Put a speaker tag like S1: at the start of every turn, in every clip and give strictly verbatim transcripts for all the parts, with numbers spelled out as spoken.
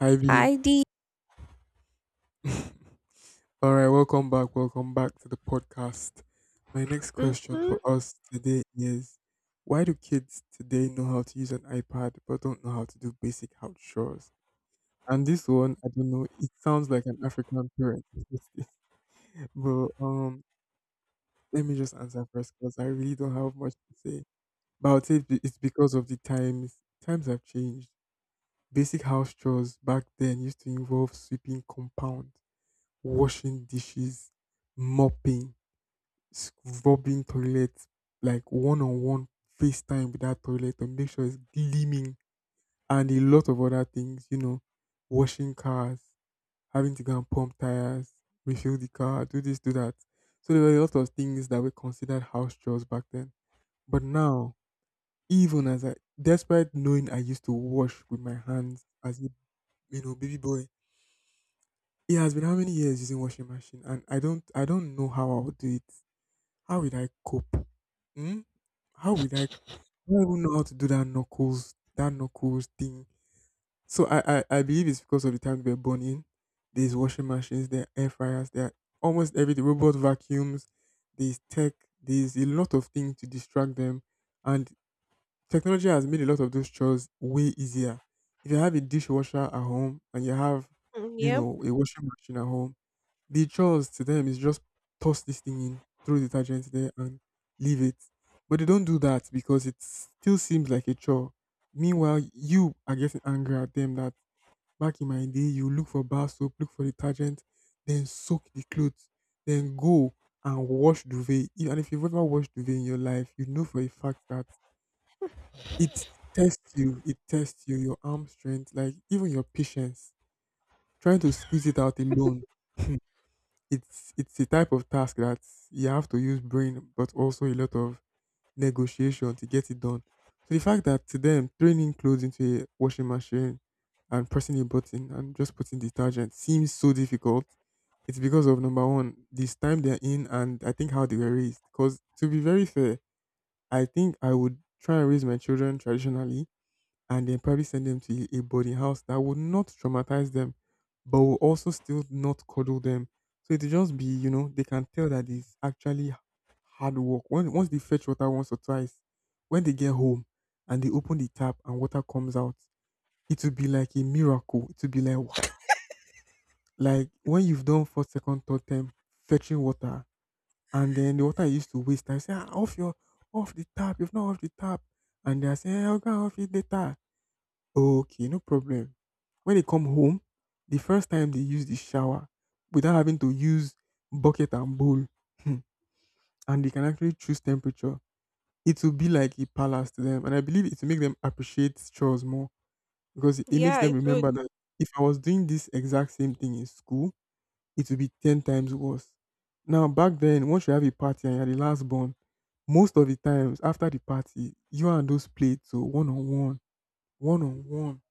S1: Hi Ivy.
S2: I did.
S1: All right, welcome back. Welcome back to the podcast. My next question
S2: Mm-hmm.
S1: for us today is, why do kids today know how to use an iPad but don't know how to do basic house chores? And this one, I don't know, it sounds like an African parent. but um let me just answer first because I really don't have much to say. But I'll say be- it's because of the times. Times have changed. Basic house chores back then used to involve sweeping compound, washing dishes, mopping, scrubbing rubbing toilet, like one on one FaceTime with that toilet to make sure it's gleaming, and a lot of other things, you know, washing cars, having to go and pump tires, refill the car, do this, do that. So there were a lot of things that were considered house chores back then. But now, even as I, despite knowing I used to wash with my hands as a you know baby boy, it has been how many years using washing machine, and I don't I don't know how I would do it. How will I cope? Hmm? How will I? I don't even know how to do that knuckles, that knuckles thing. So I, I, I believe it's because of the time we are born in. There's washing machines, there are air fryers, there are almost everything, robot vacuums, there's tech, there's a lot of things to distract them. And technology has made a lot of those chores way easier. If you have a dishwasher at home and you have,
S2: Mm.
S1: you
S2: Yep.
S1: know, a washing machine at home, the chores to them is just toss this thing in, throw detergent there, and leave it. But they don't do that because it still seems like a chore. Meanwhile, you are getting angry at them that back in my day, you look for bar soap, look for detergent, then soak the clothes, then go and wash duvet. If- And if you've ever washed duvet in your life, you know for a fact that it tests you, it tests you, your arm strength, like even your patience. Trying to squeeze it out alone, It's it's a type of task that you have to use brain, but also a lot of negotiation to get it done. So the fact that to them turning clothes into a washing machine and pressing a button and just putting detergent seems so difficult. It's because of number one, this time they're in, and I think how they were raised. Because to be very fair, I think I would try and raise my children traditionally and then probably send them to a boarding house that would not traumatize them, but will also still not cuddle them. So it'll just be, you know, they can tell that it's actually h- hard work. When, once they fetch water once or twice, when they get home and they open the tap and water comes out, it will be like a miracle. It will be like, wow. Like when you've done first, second, third time fetching water, and then the water you used to waste, I say, ah, off your, off the tap, you've not off the tap. And they are saying, "Eh, how can I off it later? Okay, no problem." When they come home, the first time they use the shower without having to use bucket and bowl, hmm, and they can actually choose temperature, it will be like a palace to them. And I believe it will make them appreciate chores more because it makes
S2: Yeah,
S1: them
S2: it would.
S1: remember that if I was doing this exact same thing in school, it will be ten times worse. Now, back then, once you have a party and you're the last born, most of the times after the party, you and those played so one on one, one on one.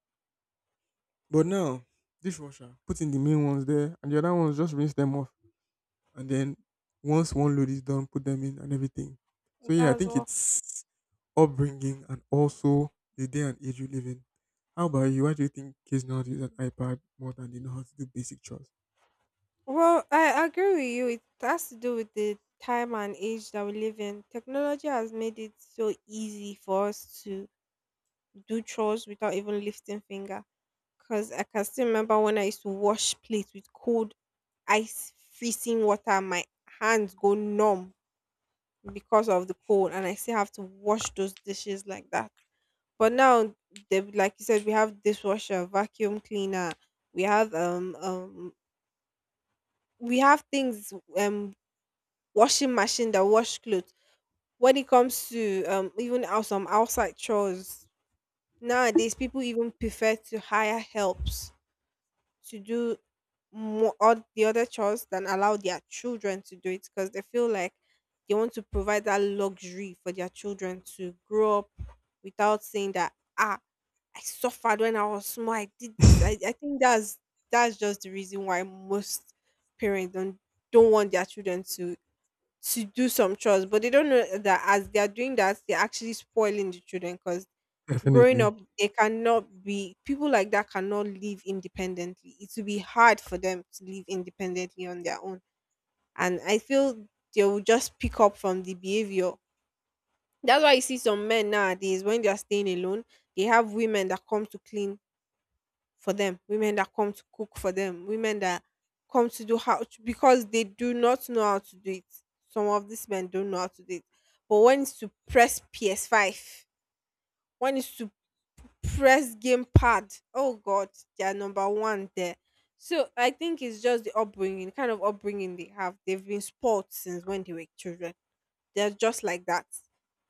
S1: But now, dishwasher, put in the main ones there, and the other ones just rinse them off. And then once one load is done, put them in and everything. So yeah, I
S2: That's
S1: think
S2: all.
S1: it's upbringing and also the day and age you live in. How about you? Why do you think kids now use an iPad more than they know how to do basic chores?
S2: Well, I agree with you. It has to do with the time and age that we live in. Technology has made it so easy for us to do chores without even lifting finger. Cause I can still remember when I used to wash plates with cold ice freezing water, my hands go numb because of the cold, and I still have to wash those dishes like that. But now, they, like you said, we have dishwasher, vacuum cleaner, we have um um we have things um washing machine that wash clothes. When it comes to um even out some outside chores, nowadays people even prefer to hire helps to do more or the other chores than allow their children to do it because they feel like they want to provide that luxury for their children to grow up without saying that ah I suffered when I was small I did this I, I think that's that's just the reason why most parents don't don't want their children to to do some chores, but they don't know that as they are doing that they're actually spoiling the children, cause growing
S1: Definitely.
S2: up they cannot be, people like that cannot live independently. It will be hard for them to live independently on their own, and I feel they will just pick up from the behavior. That's why you see some men nowadays when they are staying alone, they have women that come to clean for them, women that come to cook for them, women that come to do how to, because they do not know how to do it. Some of these men don't know how to do it, but when it's to press P S five, when it's to press gamepad. Oh God, they are number one there. So I think it's just the upbringing, kind of upbringing they have. They've been spoiled since when they were children. They're just like that.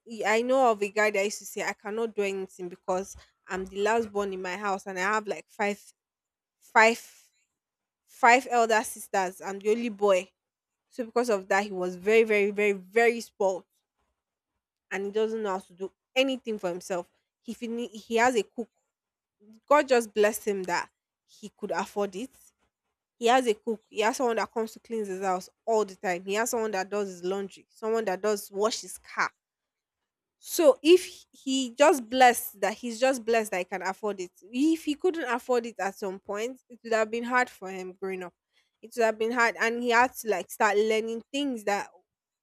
S2: Y- I know of a guy that used to say, "I cannot do anything because I'm the last born in my house, and I have like five, five, five elder sisters. I'm the only boy." So because of that, he was very, very, very, very spoiled, and he doesn't know how to do anything for himself. He fin- he has a cook. God just blessed him that he could afford it. He has a cook. He has someone that comes to clean his house all the time. He has someone that does his laundry, someone that does wash his car. So if he just blessed that he's just blessed that he can afford it. If he couldn't afford it at some point, it would have been hard for him growing up. It would have been hard, and he had to like start learning things that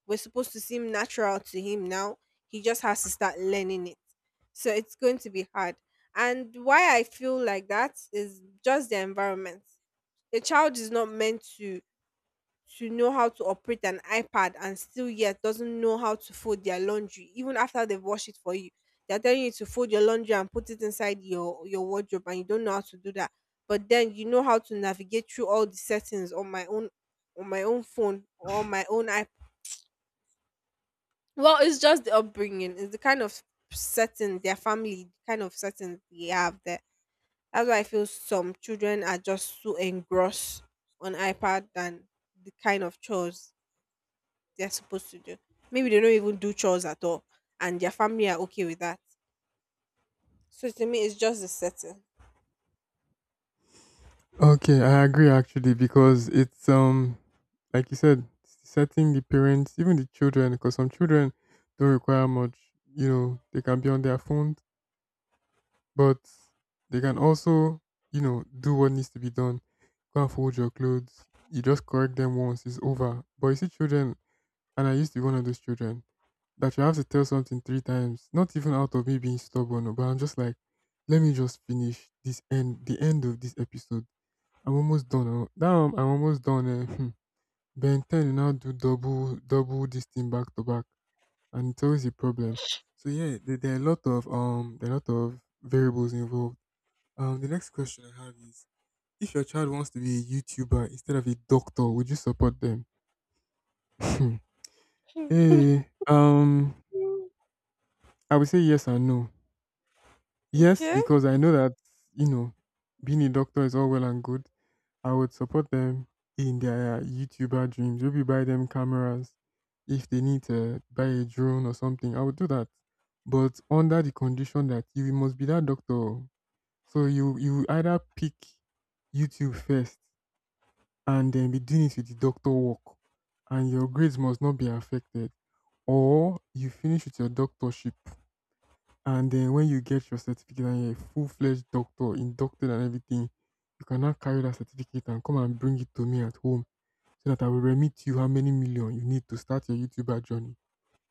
S2: were supposed to seem natural to him now. He just has to start learning it, so it's going to be hard. And why I feel like that is just the environment. A child is not meant to to know how to operate an ipad and still yet doesn't know how to fold their laundry even after they've washed it for you. They're telling you to fold your laundry and put it inside your your wardrobe and you don't know how to do that, but then you know how to navigate through all the settings on my own, on my own phone or on my own ipad. Well, it's just the upbringing. It's the kind of setting their family, the kind of setting they have there. That's why I feel some children are just so engrossed on iPad than the kind of chores they're supposed to do. Maybe they don't even do chores at all, and their family are okay with that. So to me, it's just the setting.
S1: Okay, I agree actually because it's um like you said, setting the parents, even the children, because some children don't require much. You know, they can be on their phones, but they can also, you know, do what needs to be done. Go and fold your clothes. You just correct them once, it's over. But you see children, and I used to be one of those children, that you have to tell something three times, not even out of me being stubborn, oh, but I'm just like, let me just finish this end, the end of this episode. I'm almost done. Oh. Now I'm, I'm almost done. Eh. Hmm. Ben ten will now do double, double this thing back to back, and it's always a problem. So yeah, there, there are a lot of um, there are a lot of variables involved. Um, the next question I have is: if your child wants to be a YouTuber instead of a doctor, would you support them? Hey, um,
S2: Mm.
S1: I would say yes and no. Yes,
S2: Okay.
S1: because I know that, you know, being a doctor is all well and good. I would support them in their YouTuber dreams. Maybe buy them cameras if they need to buy a drone or something. I would do that, but under the condition that you must be that doctor. So you you either pick YouTube first and then be doing it with the doctor work, and your grades must not be affected. Or you finish with your doctorship, and then when you get your certificate and you're a full fledged doctor, inducted and everything, you cannot carry that certificate and come and bring it to me at home so that I will remit you how many million you need to start your YouTuber journey.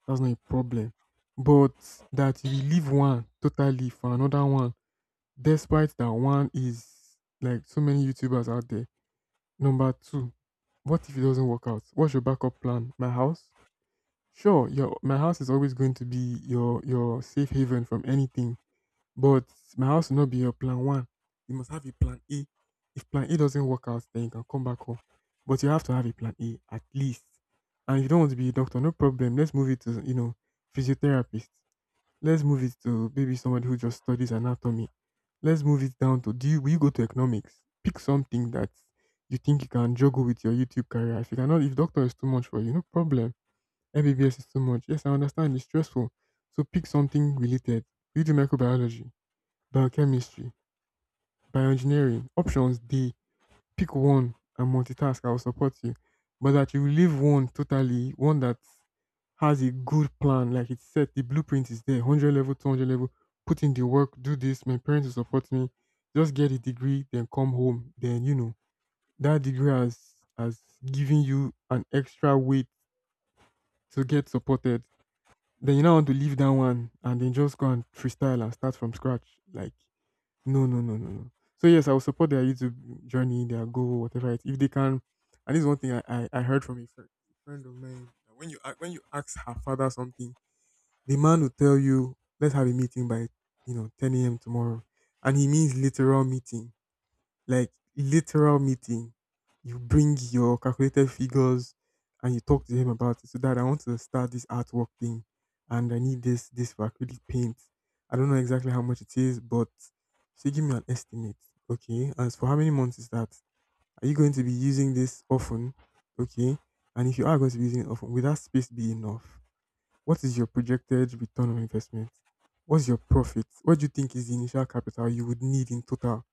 S1: That's not a problem. But that you will leave one totally for another one, despite that one is like so many YouTubers out there. Number two, what if it doesn't work out? What's your backup plan? My house? Sure, your my house is always going to be your your safe haven from anything, but my house will not be your plan one. You must have a plan A. If plan A doesn't work out, then you can come back home. But you have to have a plan A at least. And if you don't want to be a doctor, no problem. Let's move it to, you know, physiotherapist. Let's move it to maybe somebody who just studies anatomy. Let's move it down to do you will you go to economics? Pick something that you think you can juggle with your YouTube career. If you cannot, if doctor is too much for you, no problem. M B B S is too much. Yes, I understand it's stressful. So pick something related. You do microbiology, biochemistry, bioengineering. Options D, pick one and multitask, I will support you. But that you leave one totally, one that has a good plan, like it's set, the blueprint is there, one hundred level, two hundred level, put in the work, do this, my parents will support me, just get a degree, then come home. Then, you know, that degree has, has given you an extra weight to get supported. Then you now want to leave that one and then just go and freestyle and start from scratch. Like, no, no, no, no, no. So yes, I will support their YouTube journey, their goal, whatever it. If they can, and this is one thing I, I, I heard from a friend, friend of mine. That When you a- when you ask her father something, the man will tell you, "Let's have a meeting by, you know, ten a m tomorrow," and he means literal meeting, like literal meeting. You bring your calculated figures and you talk to them about it. So that I want to start this artwork thing and I need this this for acrylic paint. I don't know exactly how much it is, but so give me an estimate. Okay. As for how many months is that? Are you going to be using this often? Okay. And if you are going to be using it often, will that space be enough? What is your projected return on investment? What's your profit? What do you think is the initial capital you would need in total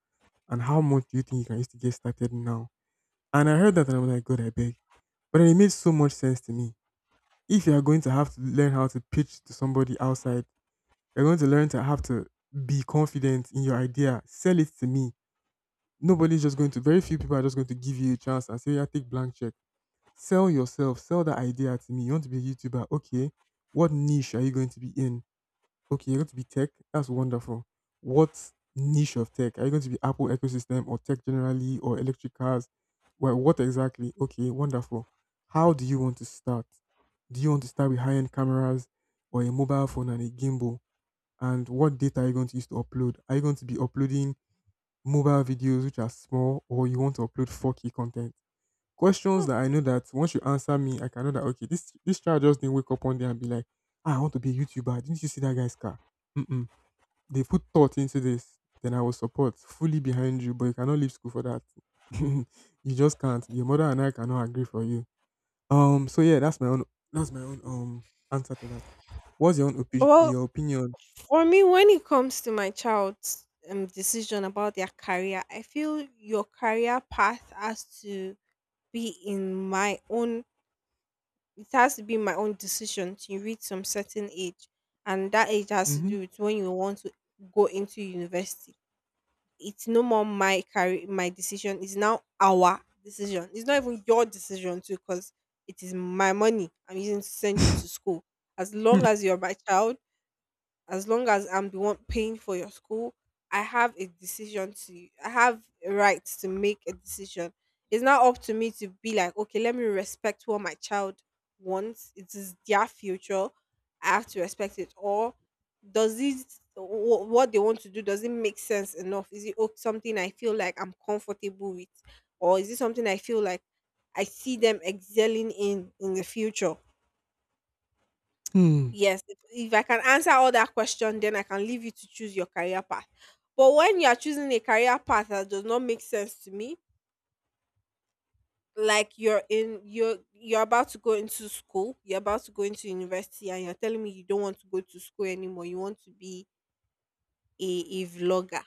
S1: and how much do you think you can use to get started now? And I heard that and I was like, God, I beg. But then it made so much sense to me. If you are going to have to learn how to pitch to somebody outside, you're going to learn to have to be confident in your idea. Sell it to me. Nobody's just going to, Very few people are just going to give you a chance and say, yeah, take blank check. Sell yourself. Sell that idea to me. You want to be a YouTuber. Okay. What niche are you going to be in? Okay, you're going to be tech. That's wonderful. What niche of tech? Are you going to be Apple ecosystem or tech generally or electric cars? Well, what exactly? Okay, wonderful. How do you want to start? Do you want to start with high end cameras or a mobile phone and a gimbal? And what data are you going to use to upload? Are you going to be uploading mobile videos which are small or you want to upload four K content? Questions
S2: Hmm.
S1: that I know that once you answer me, I can know that okay, this this child just didn't wake up one day and be like, "Ah, I want to be a YouTuber. Didn't you see that guy's car? Mm-mm. They put thought into this, then I will support fully behind you, but you cannot leave school for that." You just can't. Your mother and I cannot agree for you. Um. So yeah, that's my own. That's my own um answer to that. What's your own opi-
S2: Well,
S1: your opinion?
S2: for me, when it comes to my child's um, decision about their career, I feel your career path has to be in my own, it has to be my own decision to reach some certain age, and that age has to
S1: Hmm.
S2: do with when you want to go into university. It's no more my career, my decision. It's now our decision. It's not even your decision too, because it is my money I'm using to send you to school. As long as you're my child, as long as I'm the one paying for your school, I have a decision to I have a right to make a decision. It's not up to me to be like, okay, let me respect what my child wants. It is their future. I have to respect it. Or does it, wh- what they want to do, does it make sense enough? Is it o- something I feel like I'm comfortable with, or is it something I feel like I see them excelling in in the future?
S1: Hmm.
S2: Yes, if if I can answer all that question, then I can leave you to choose your career path. But when you are choosing a career path that does not make sense to me, like you're in you're you're about to go into school, you're about to go into university, and you're telling me you don't want to go to school anymore, you want to be a, a vlogger.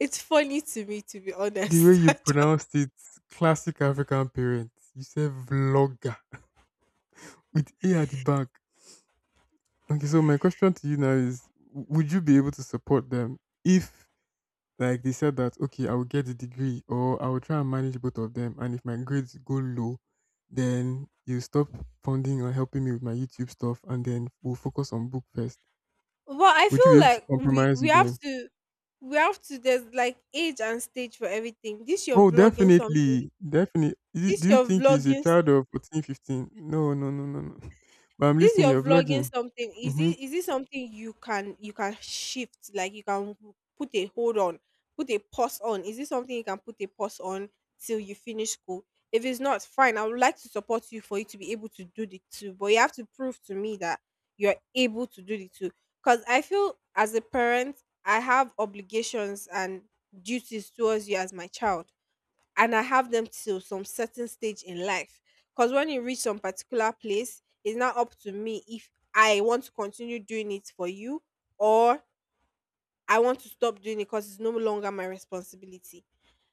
S2: It's funny to me to be
S1: The way
S2: honest.
S1: you
S2: I don't-
S1: pronounced it, classic African parents. You say vlogger with A at the back. Okay, so my question to you now is: w- Would you be able to support them if, like they said that okay, I will get the degree or I will try and manage both of them. And if my grades go low, then you stop funding or helping me with my YouTube stuff, and then we'll focus on book first.
S2: But I
S1: Would you be
S2: feel
S1: able to
S2: like we
S1: compromise
S2: we
S1: with
S2: have
S1: them?
S2: to, we have to, there's like age and stage for everything. This you're
S1: Oh,
S2: vlogging something.
S1: definitely, definitely.
S2: This
S1: Do you
S2: you're
S1: think he's a
S2: vlogging.
S1: child of fourteen fifteen? No, no, no, no, no. But I'm
S2: This
S1: listening.
S2: you're
S1: You're
S2: vlogging
S1: vlogging.
S2: something, is
S1: Mm-hmm.
S2: it, is it something you can, you can shift, like you can put a hold on, put a pause on? Is it something you can put a pause on till you finish school? If it's not, fine. I would like to support you for you to be able to do the two, but you have to prove to me that you're able to do the two. Because I feel as a parent, I have obligations and duties towards you as my child, and I have them till some certain stage in life. Because when you reach some particular place, it's now up to me if I want to continue doing it for you, or I want to stop doing it because it's no longer my responsibility.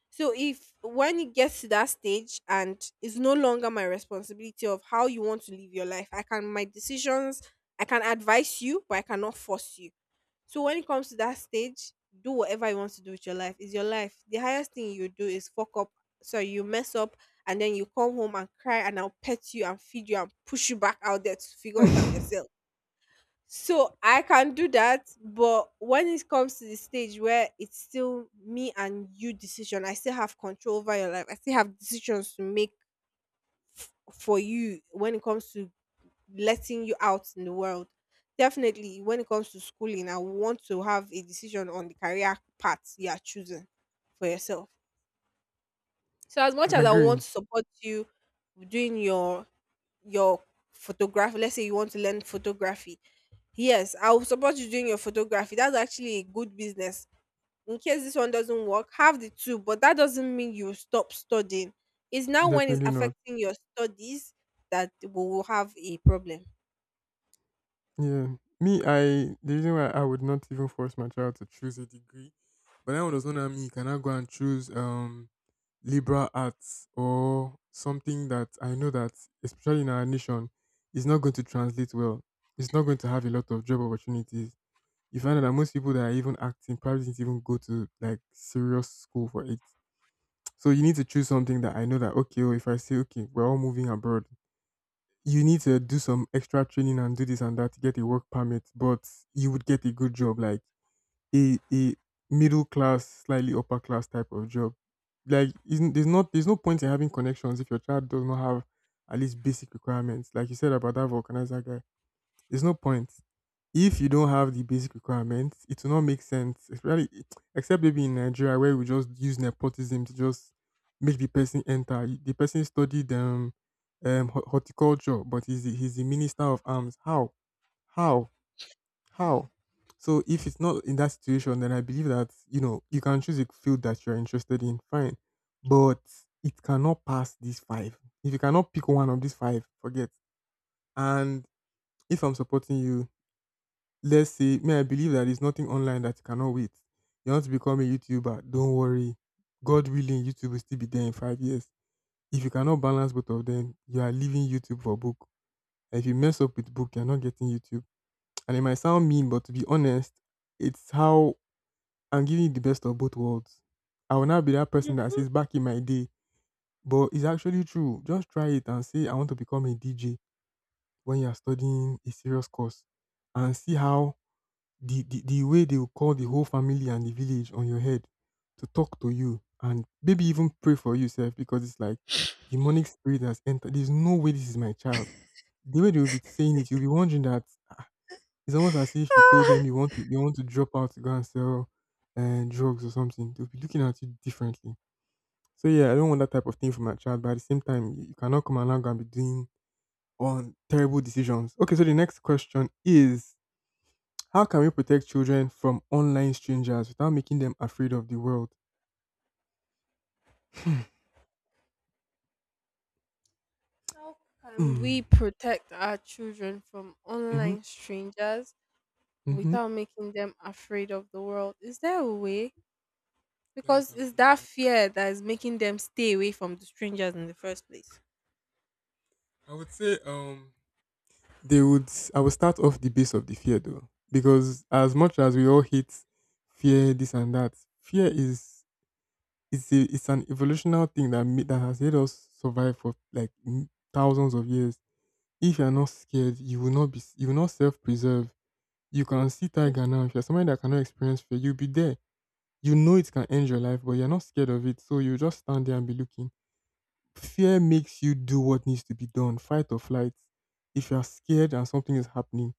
S2: So if when it gets to that stage and it's no longer my responsibility of how you want to live your life, I can my decisions, I can advise you, but I cannot force you. So when it comes to that stage, do whatever you want to do with your life. It's your life. The highest thing you do is fuck up. So you mess up, and then you come home and cry and I'll pet you and feed you and push you back out there to figure it out yourself. So I can do that, but when it comes to the stage where it's still me and you decision, I still have control over your life. I still have decisions to make f- for you when it comes to letting you out in the world. Definitely, when it comes to schooling, I want to have a decision on the career path you are choosing for yourself. So as much as I want
S1: Agreeing.
S2: to support you doing your your photography, let's say you want to learn photography. Yes, I will support you doing your photography. That's actually a good business. In case this one doesn't work, have the two, but that doesn't mean you stop studying. It's now when it's
S1: Definitely not.
S2: affecting your studies that we will have a problem.
S1: Yeah. Me, I, the reason why I would not even force my child to choose a degree, but then when it was not at me, can I go and choose um liberal arts or something that I know that, especially in our nation, is not going to translate well. It's not going to have a lot of job opportunities. You find out that most people that are even acting probably didn't even go to like serious school for it. So you need to choose something that I know that okay, oh, if I say okay, we're all moving abroad, you need to do some extra training and do this and that to get a work permit, but you would get a good job, like a a middle class, slightly upper class type of job. Like isn't there's not there's no point in having connections if your child does not have at least basic requirements. Like you said about that vulcanizer guy. There's no point. If you don't have the basic requirements, it will not make sense. Especially, except maybe in Nigeria where we just use nepotism to just make the person enter. The person studied um, um hor- horticulture, but he's the, he's the minister of arms. How? How? How? So if it's not in that situation, then I believe that you know you can choose a field that you're interested in. Fine, but it cannot pass these five. If you cannot pick one of these five, forget. And if I'm supporting you, let's say may I believe that there's nothing online that you cannot wait. You want to become a YouTuber, don't worry. God willing, YouTube will still be there in five years. If you cannot balance both of them, you are leaving YouTube for book. And if you mess up with book, you're not getting YouTube. And it might sound mean, but to be honest, it's how I'm giving you the best of both worlds. I will not be that person that
S2: Mhm.
S1: says back in my day, but it's actually true. Just try it and say I want to become a D J when you're studying a serious course and see how. The the the way they will call the whole family and the village on your head to talk to you and maybe even pray for yourself because it's like demonic spirit has entered. There's no way this is my child. The way they will be saying it, you'll be wondering that it's almost as if you told them you want to, you want to drop out to go and sell uh, drugs or something. They'll be looking at you differently. So yeah, I don't want that type of thing for my child. But at the same time, you you cannot come along and be doing on terrible decisions. Okay, so the next question is: how can we protect children from online strangers without making them afraid of the world? Hmm.
S2: How can we
S1: Mm.
S2: protect our children from
S1: Mm-hmm.
S2: online strangers
S1: Mm-hmm.
S2: without making them afraid of the world? Is there a way?
S1: That's what
S2: Because
S1: I'm
S2: it's
S1: thinking
S2: that
S1: of.
S2: fear that is making them stay away from the strangers in the first place.
S1: I would say um they would I would start off the base of the fear though. Because as much as we all hate fear, this and that, fear is, it's a, it's an evolutional thing that ma- that has made us survive for like m- thousands of years. If you're not scared, you will not be you will not self preserve. You can see tiger now. If you're somebody that cannot experience fear, you'll be there. You know it can end your life, but you're not scared of it. So you just stand there and be looking. Fear makes you do what needs to be done, fight or flight. If you're scared and something is happening,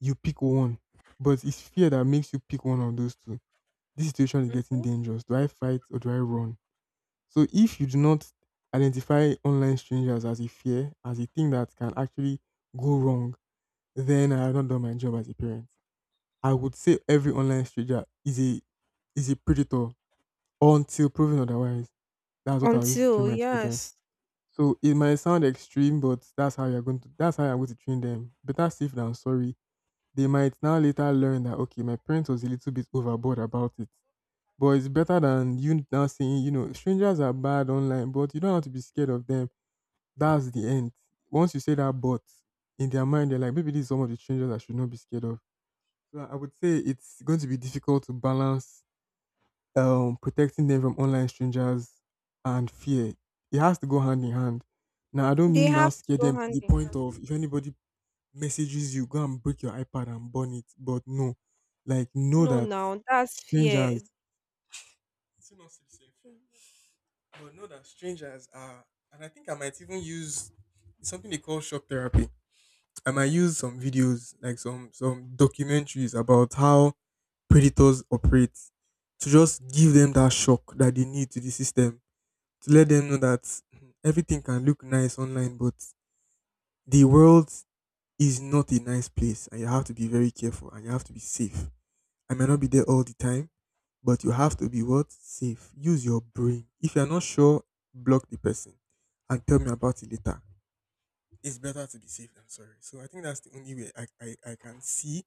S1: you pick one. But it's fear that makes you pick one of those two. This situation is getting
S2: Mm-hmm.
S1: dangerous. Do I fight or do I run? So if you do not identify online strangers as a fear, as a thing that can actually go wrong, then I have not done my job as a parent. I would say every online stranger is a is a predator until proven otherwise. That's what I used to train
S2: Until,
S1: my children.
S2: yes,
S1: So it might sound extreme, but that's how you're going to that's how I'm going to train them. Better safe than sorry. They might now later learn that okay, my parents was a little bit overboard about it. But it's better than you now saying, you know, strangers are bad online, but you don't have to be scared of them. That's the end. Once you say that, but in their mind they're like, maybe this is some of the strangers I should not be scared of. So I would say it's going to be difficult to balance um, protecting them from online strangers and fear. It has to go hand in hand. Now, I don't
S2: they
S1: mean now
S2: have to
S1: scare
S2: go
S1: them to
S2: hand
S1: the
S2: in hand.
S1: point of, if anybody messages you, go and break your iPad and burn it. But no, like know
S2: No,
S1: that
S2: now that's
S1: strangers.
S2: fear.
S1: It's not still the same, but know that strangers are, and I think I might even use something they call shock therapy. I might use some videos, like some some documentaries about how predators operate, to just give them that shock that they need to the system, to let them know that hmm, everything can look nice online, but the world is not a nice place and you have to be very careful and you have to be safe. I may not be there all the time, but you have to be what? Safe. Use your brain. If you're not sure, block the person and tell me about it later. It's better to be safe than sorry. So I think that's the only way I, I, I can see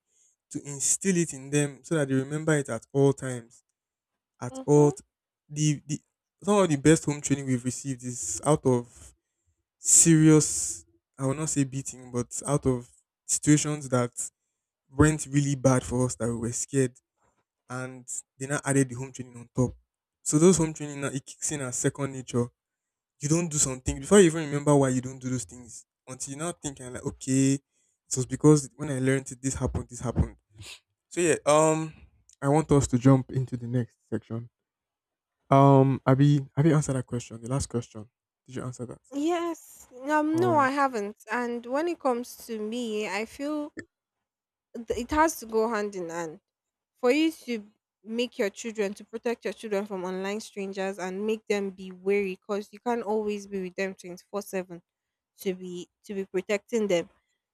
S1: to instill it in them so that they remember it at all times. At all
S2: Mm-hmm.
S1: t- the, the Some of the best home training we've received is out of serious, I will not say beating, but out of situations that went really bad for us that we were scared, and they now added the home training on top. So those home training now, it kicks in as second nature. You don't do something before you even remember why you don't do those things, until you now think and like okay, it was because when I learned it this happened, this happened. So yeah, um I want us to jump into the next section. um Abby, have you answered that question, the last question? Did you answer that?
S2: Yes, um,
S1: All
S2: no,
S1: right.
S2: I haven't. And when it comes to me, I feel th- it has to go hand in hand for you to make your children, to protect your children from online strangers and make them be wary, because you can't always be with them twenty-four seven to be to be protecting them.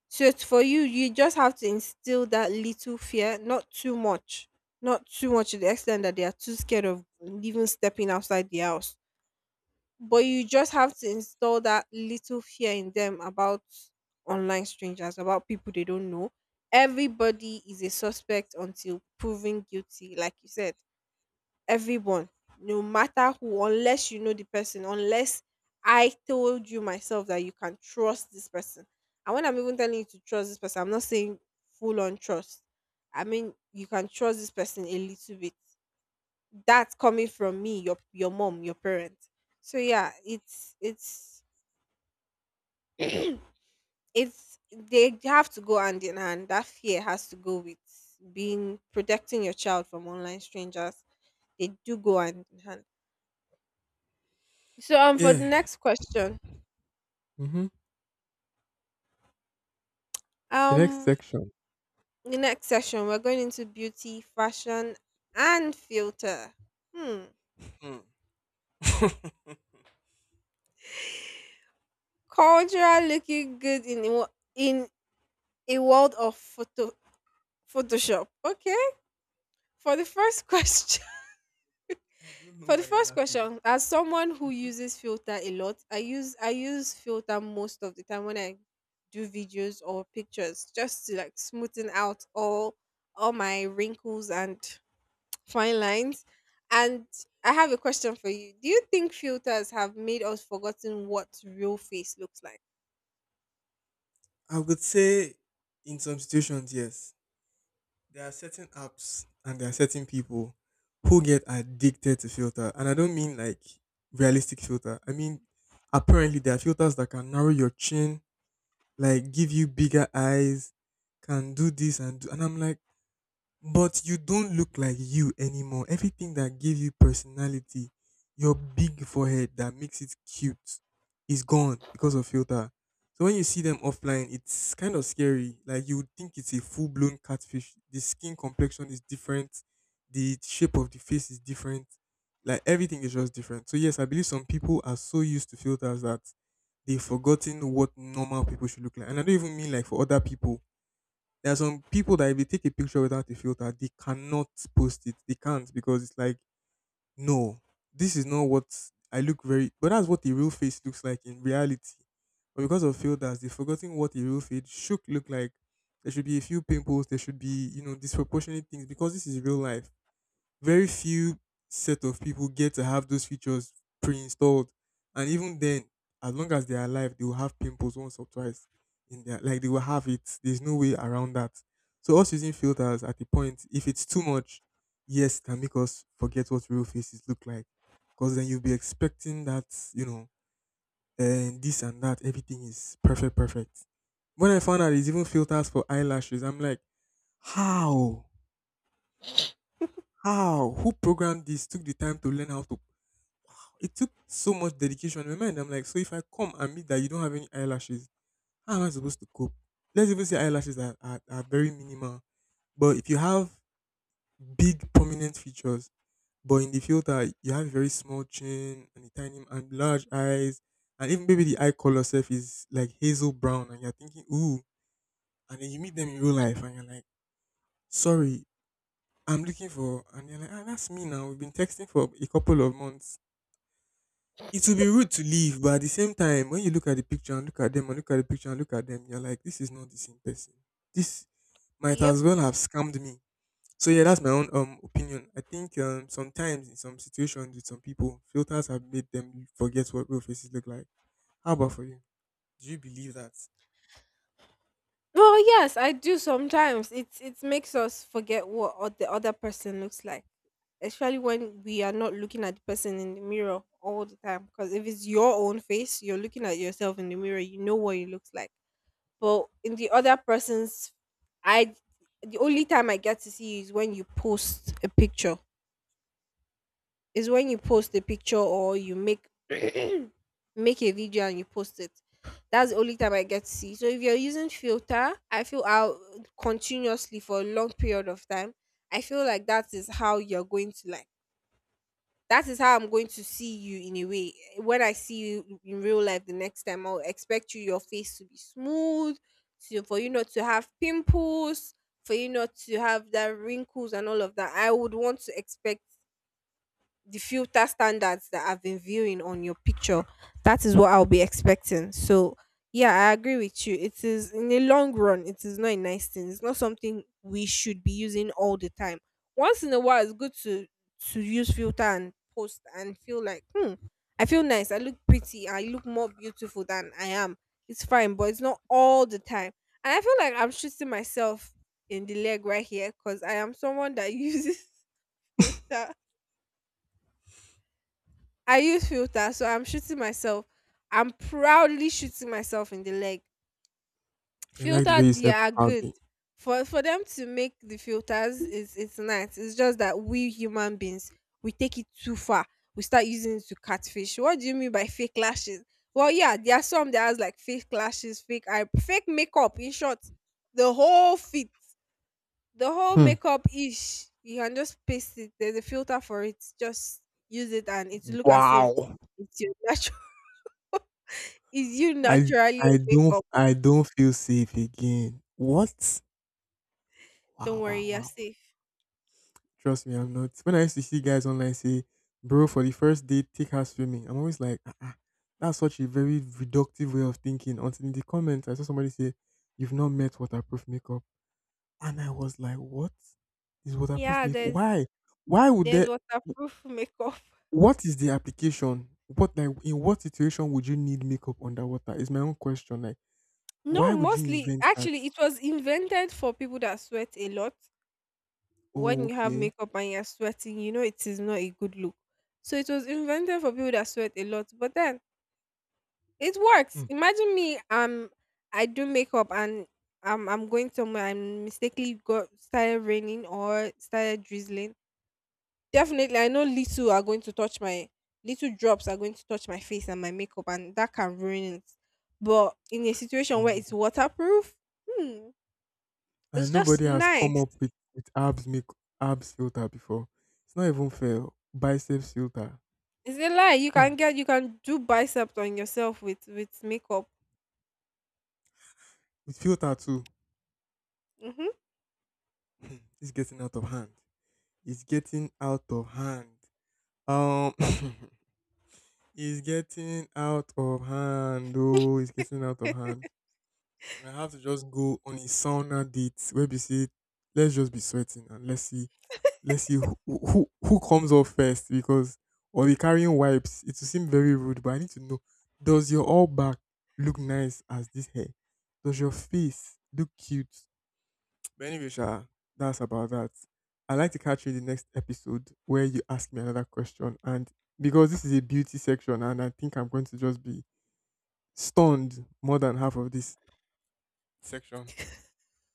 S2: So it's for you, you just have to instill that little fear, not too much, not too much to the extent that they are too scared of even stepping outside the house, but you just have to install that little fear in them about online strangers, about people they don't know. Everybody is a suspect until proven guilty, like you said. Everyone, no matter who, unless you know the person, unless I told you myself that you can trust this person. And when I'm even telling you to trust this person, I'm not saying full on trust. I mean, you can trust this person a little bit that's coming from me, your your mom, your parents. So yeah, it's it's it's, they have to go hand in hand. That fear has to go with being protecting your child from online strangers. They do go hand in hand. So um for
S1: Yeah.
S2: the next question,
S1: Mm-hmm. The next
S2: um
S1: section.
S2: the next session we're going into beauty, fashion and filter. Hmm.
S1: Hmm. I
S2: Cultural looking good in a wo- in a world of photo photoshop. Okay, for the first question.
S1: don't know
S2: For the
S1: why you're
S2: first
S1: laughing.
S2: question, as someone who uses filter a lot, I use I use filter most of the time when I do videos or pictures, just to like smoothen out all all my wrinkles and fine lines. And I have a question for you. Do you think filters have made us forgotten what real face looks like?
S1: I would say in some situations yes, there are certain apps and there are certain people who get addicted to filter, and I don't mean like realistic filter, I mean apparently there are filters that can narrow your chin, like give you bigger eyes, can do this and do, and I'm like, but you don't look like you anymore. Everything that gave you personality, your big forehead that makes it cute, is gone because of filter. So when you see them offline, it's kind of scary. Like you would think it's a full blown catfish. The skin complexion is different, the shape of the face is different. Like everything is just different. So yes, I believe some people are so used to filters that they've forgotten what normal people should look like. And I don't even mean like for other people. There are some people that if they take a picture without a filter, they cannot post it. They can't because it's like, no, this is not what I look very. But that's what the real face looks like in reality. But because of filters, they've forgotten what a real face should look like. There should be a few pimples. There should be you know disproportionate things because this is real life. Very few set of people get to have those features pre-installed, and even then, as long as they're alive, they will have pimples once or twice in their like, they will have it. There's no way around that. So us using filters at the point, if it's too much, yes, it can make us forget what real faces look like. Because then you'll be expecting that, you know and this and that, everything is perfect perfect. When I found out there's even filters for eyelashes, I'm like, how? How who programmed this, took the time to learn how to? It took so much dedication. In my mind, I'm like, so if I come and meet that you don't have any eyelashes, how am I supposed to cope? Let's even say eyelashes are, are, are very minimal. But if you have big prominent features, but in the filter you have a very small chin and a tiny and large eyes, and even maybe the eye color self is like hazel brown, and you're thinking, ooh, and then you meet them in real life and you're like, sorry, I'm looking for, and you're like, ah, that's me now. We've been texting for a couple of months. It will be rude to leave, but at the same time, when you look at the picture and look at them and look at the picture and look at them, you're like, this is not the same person. This might as
S2: Yep.
S1: well have scammed me. So yeah, that's my own um opinion. I think um sometimes in some situations with some people, filters have made them forget what real faces look like. How about for you? Do you believe that?
S2: Well, yes, I do sometimes. It it makes us forget what o- the other person looks like, especially when we are not looking at the person in the mirror all the time. Because if it's your own face, you're looking at yourself in the mirror, you know what it looks like. But in the other person's, I the only time I get to see you is when you post a picture is when you post a picture or you make make a video and you post it. That's the only time I get to see. So if you're using filter, I feel out continuously for a long period of time. I feel like that is how you're going to like that is how I'm going to see you in a way. When I see you in real life the next time, I'll expect you your face to be smooth, to for you not to have pimples, for you not to have that wrinkles and all of that. I would want to expect the filter standards that I've been viewing on your picture. That is what I'll be expecting. So yeah, I agree with you. It is, in the long run, it is not a nice thing. It's not something we should be using all the time. Once in a while, it's good to to use filter and post and feel like, hmm, I feel nice. I look pretty. I look more beautiful than I am. It's fine, but it's not all the time. And I feel like I'm shooting myself in the leg right here, because I am someone that uses filter. I use filter, so I'm shooting myself. I'm proudly shooting myself in the leg.
S1: I like the way
S2: Filter,
S1: you said
S2: yeah, are good.
S1: proudly.
S2: For for them to make the filters, is it's nice. It's just that we human beings, we take it too far. We start using it to catfish. What do you mean by fake lashes? Well, yeah, there are some that has like fake lashes, fake eye, fake makeup. In short, the whole fit, the whole
S1: Hmm.
S2: makeup ish. You can just paste it. There's a filter for it. Just use it, and it look as if
S1: Wow.
S2: it's your natural. Is you
S1: I
S2: naturally
S1: I
S2: a
S1: don't
S2: makeup?
S1: I don't feel safe again. What?
S2: Don't
S1: Wow,
S2: worry,
S1: wow,
S2: you're
S1: wow.
S2: safe.
S1: Trust me, I'm not. When I used to see guys online say, bro, for the first date, take her swimming, I'm always like, ah, ah, that's such a very reductive way of thinking. Until in the comments, I saw somebody say, you've not met waterproof makeup. And I was like, what is waterproof
S2: Yeah,
S1: makeup?
S2: there's
S1: Why? Why would
S2: there's
S1: there,
S2: waterproof makeup.
S1: what is the application? What, like, in what situation would you need makeup underwater? Is my own question. Like,
S2: No,
S1: why would you
S2: mostly
S1: invent that?
S2: actually it was invented for people that sweat a lot.
S1: Oh,
S2: When you have
S1: okay.
S2: makeup and you're sweating, you know it is not a good look. So it was invented for people that sweat a lot. But then it
S1: Hmm.
S2: works. Imagine me, um, I do makeup and um, I'm going somewhere and mistakenly got started raining or started drizzling. Definitely, I know little are going to touch my little drops are going to touch my face and my makeup, and that can ruin it. But in a situation where
S1: Um,
S2: it's waterproof, hmm, it's
S1: and nobody
S2: just
S1: has come
S2: nice.
S1: up with with abs make abs filter before. It's not even fair. Biceps filter.
S2: It's a lie. You can
S1: Mm.
S2: get you can do biceps on yourself with with makeup.
S1: With filter too.
S2: Hmm.
S1: Mm. It's getting out of hand. It's getting out of hand. Um, it's getting out of hand. Oh, it's getting out of hand. And I have to just go on a sauna date where we say, let's just be sweating and let's see, let's see who who, who comes off first. Because or we carrying wipes. It will seem very rude, but I need to know: Does your all back look nice as this hair? Does your face look cute? But anyway, Sha, that's about that. I'd like to catch you in the next episode where you ask me another question. And because this is a beauty section, and I think I'm going to just be stunned more than half of this section.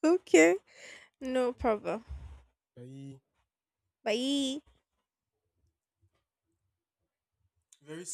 S2: Okay,
S1: All
S2: no
S1: right, then.
S2: problem.
S1: Bye.
S2: Bye.
S1: Very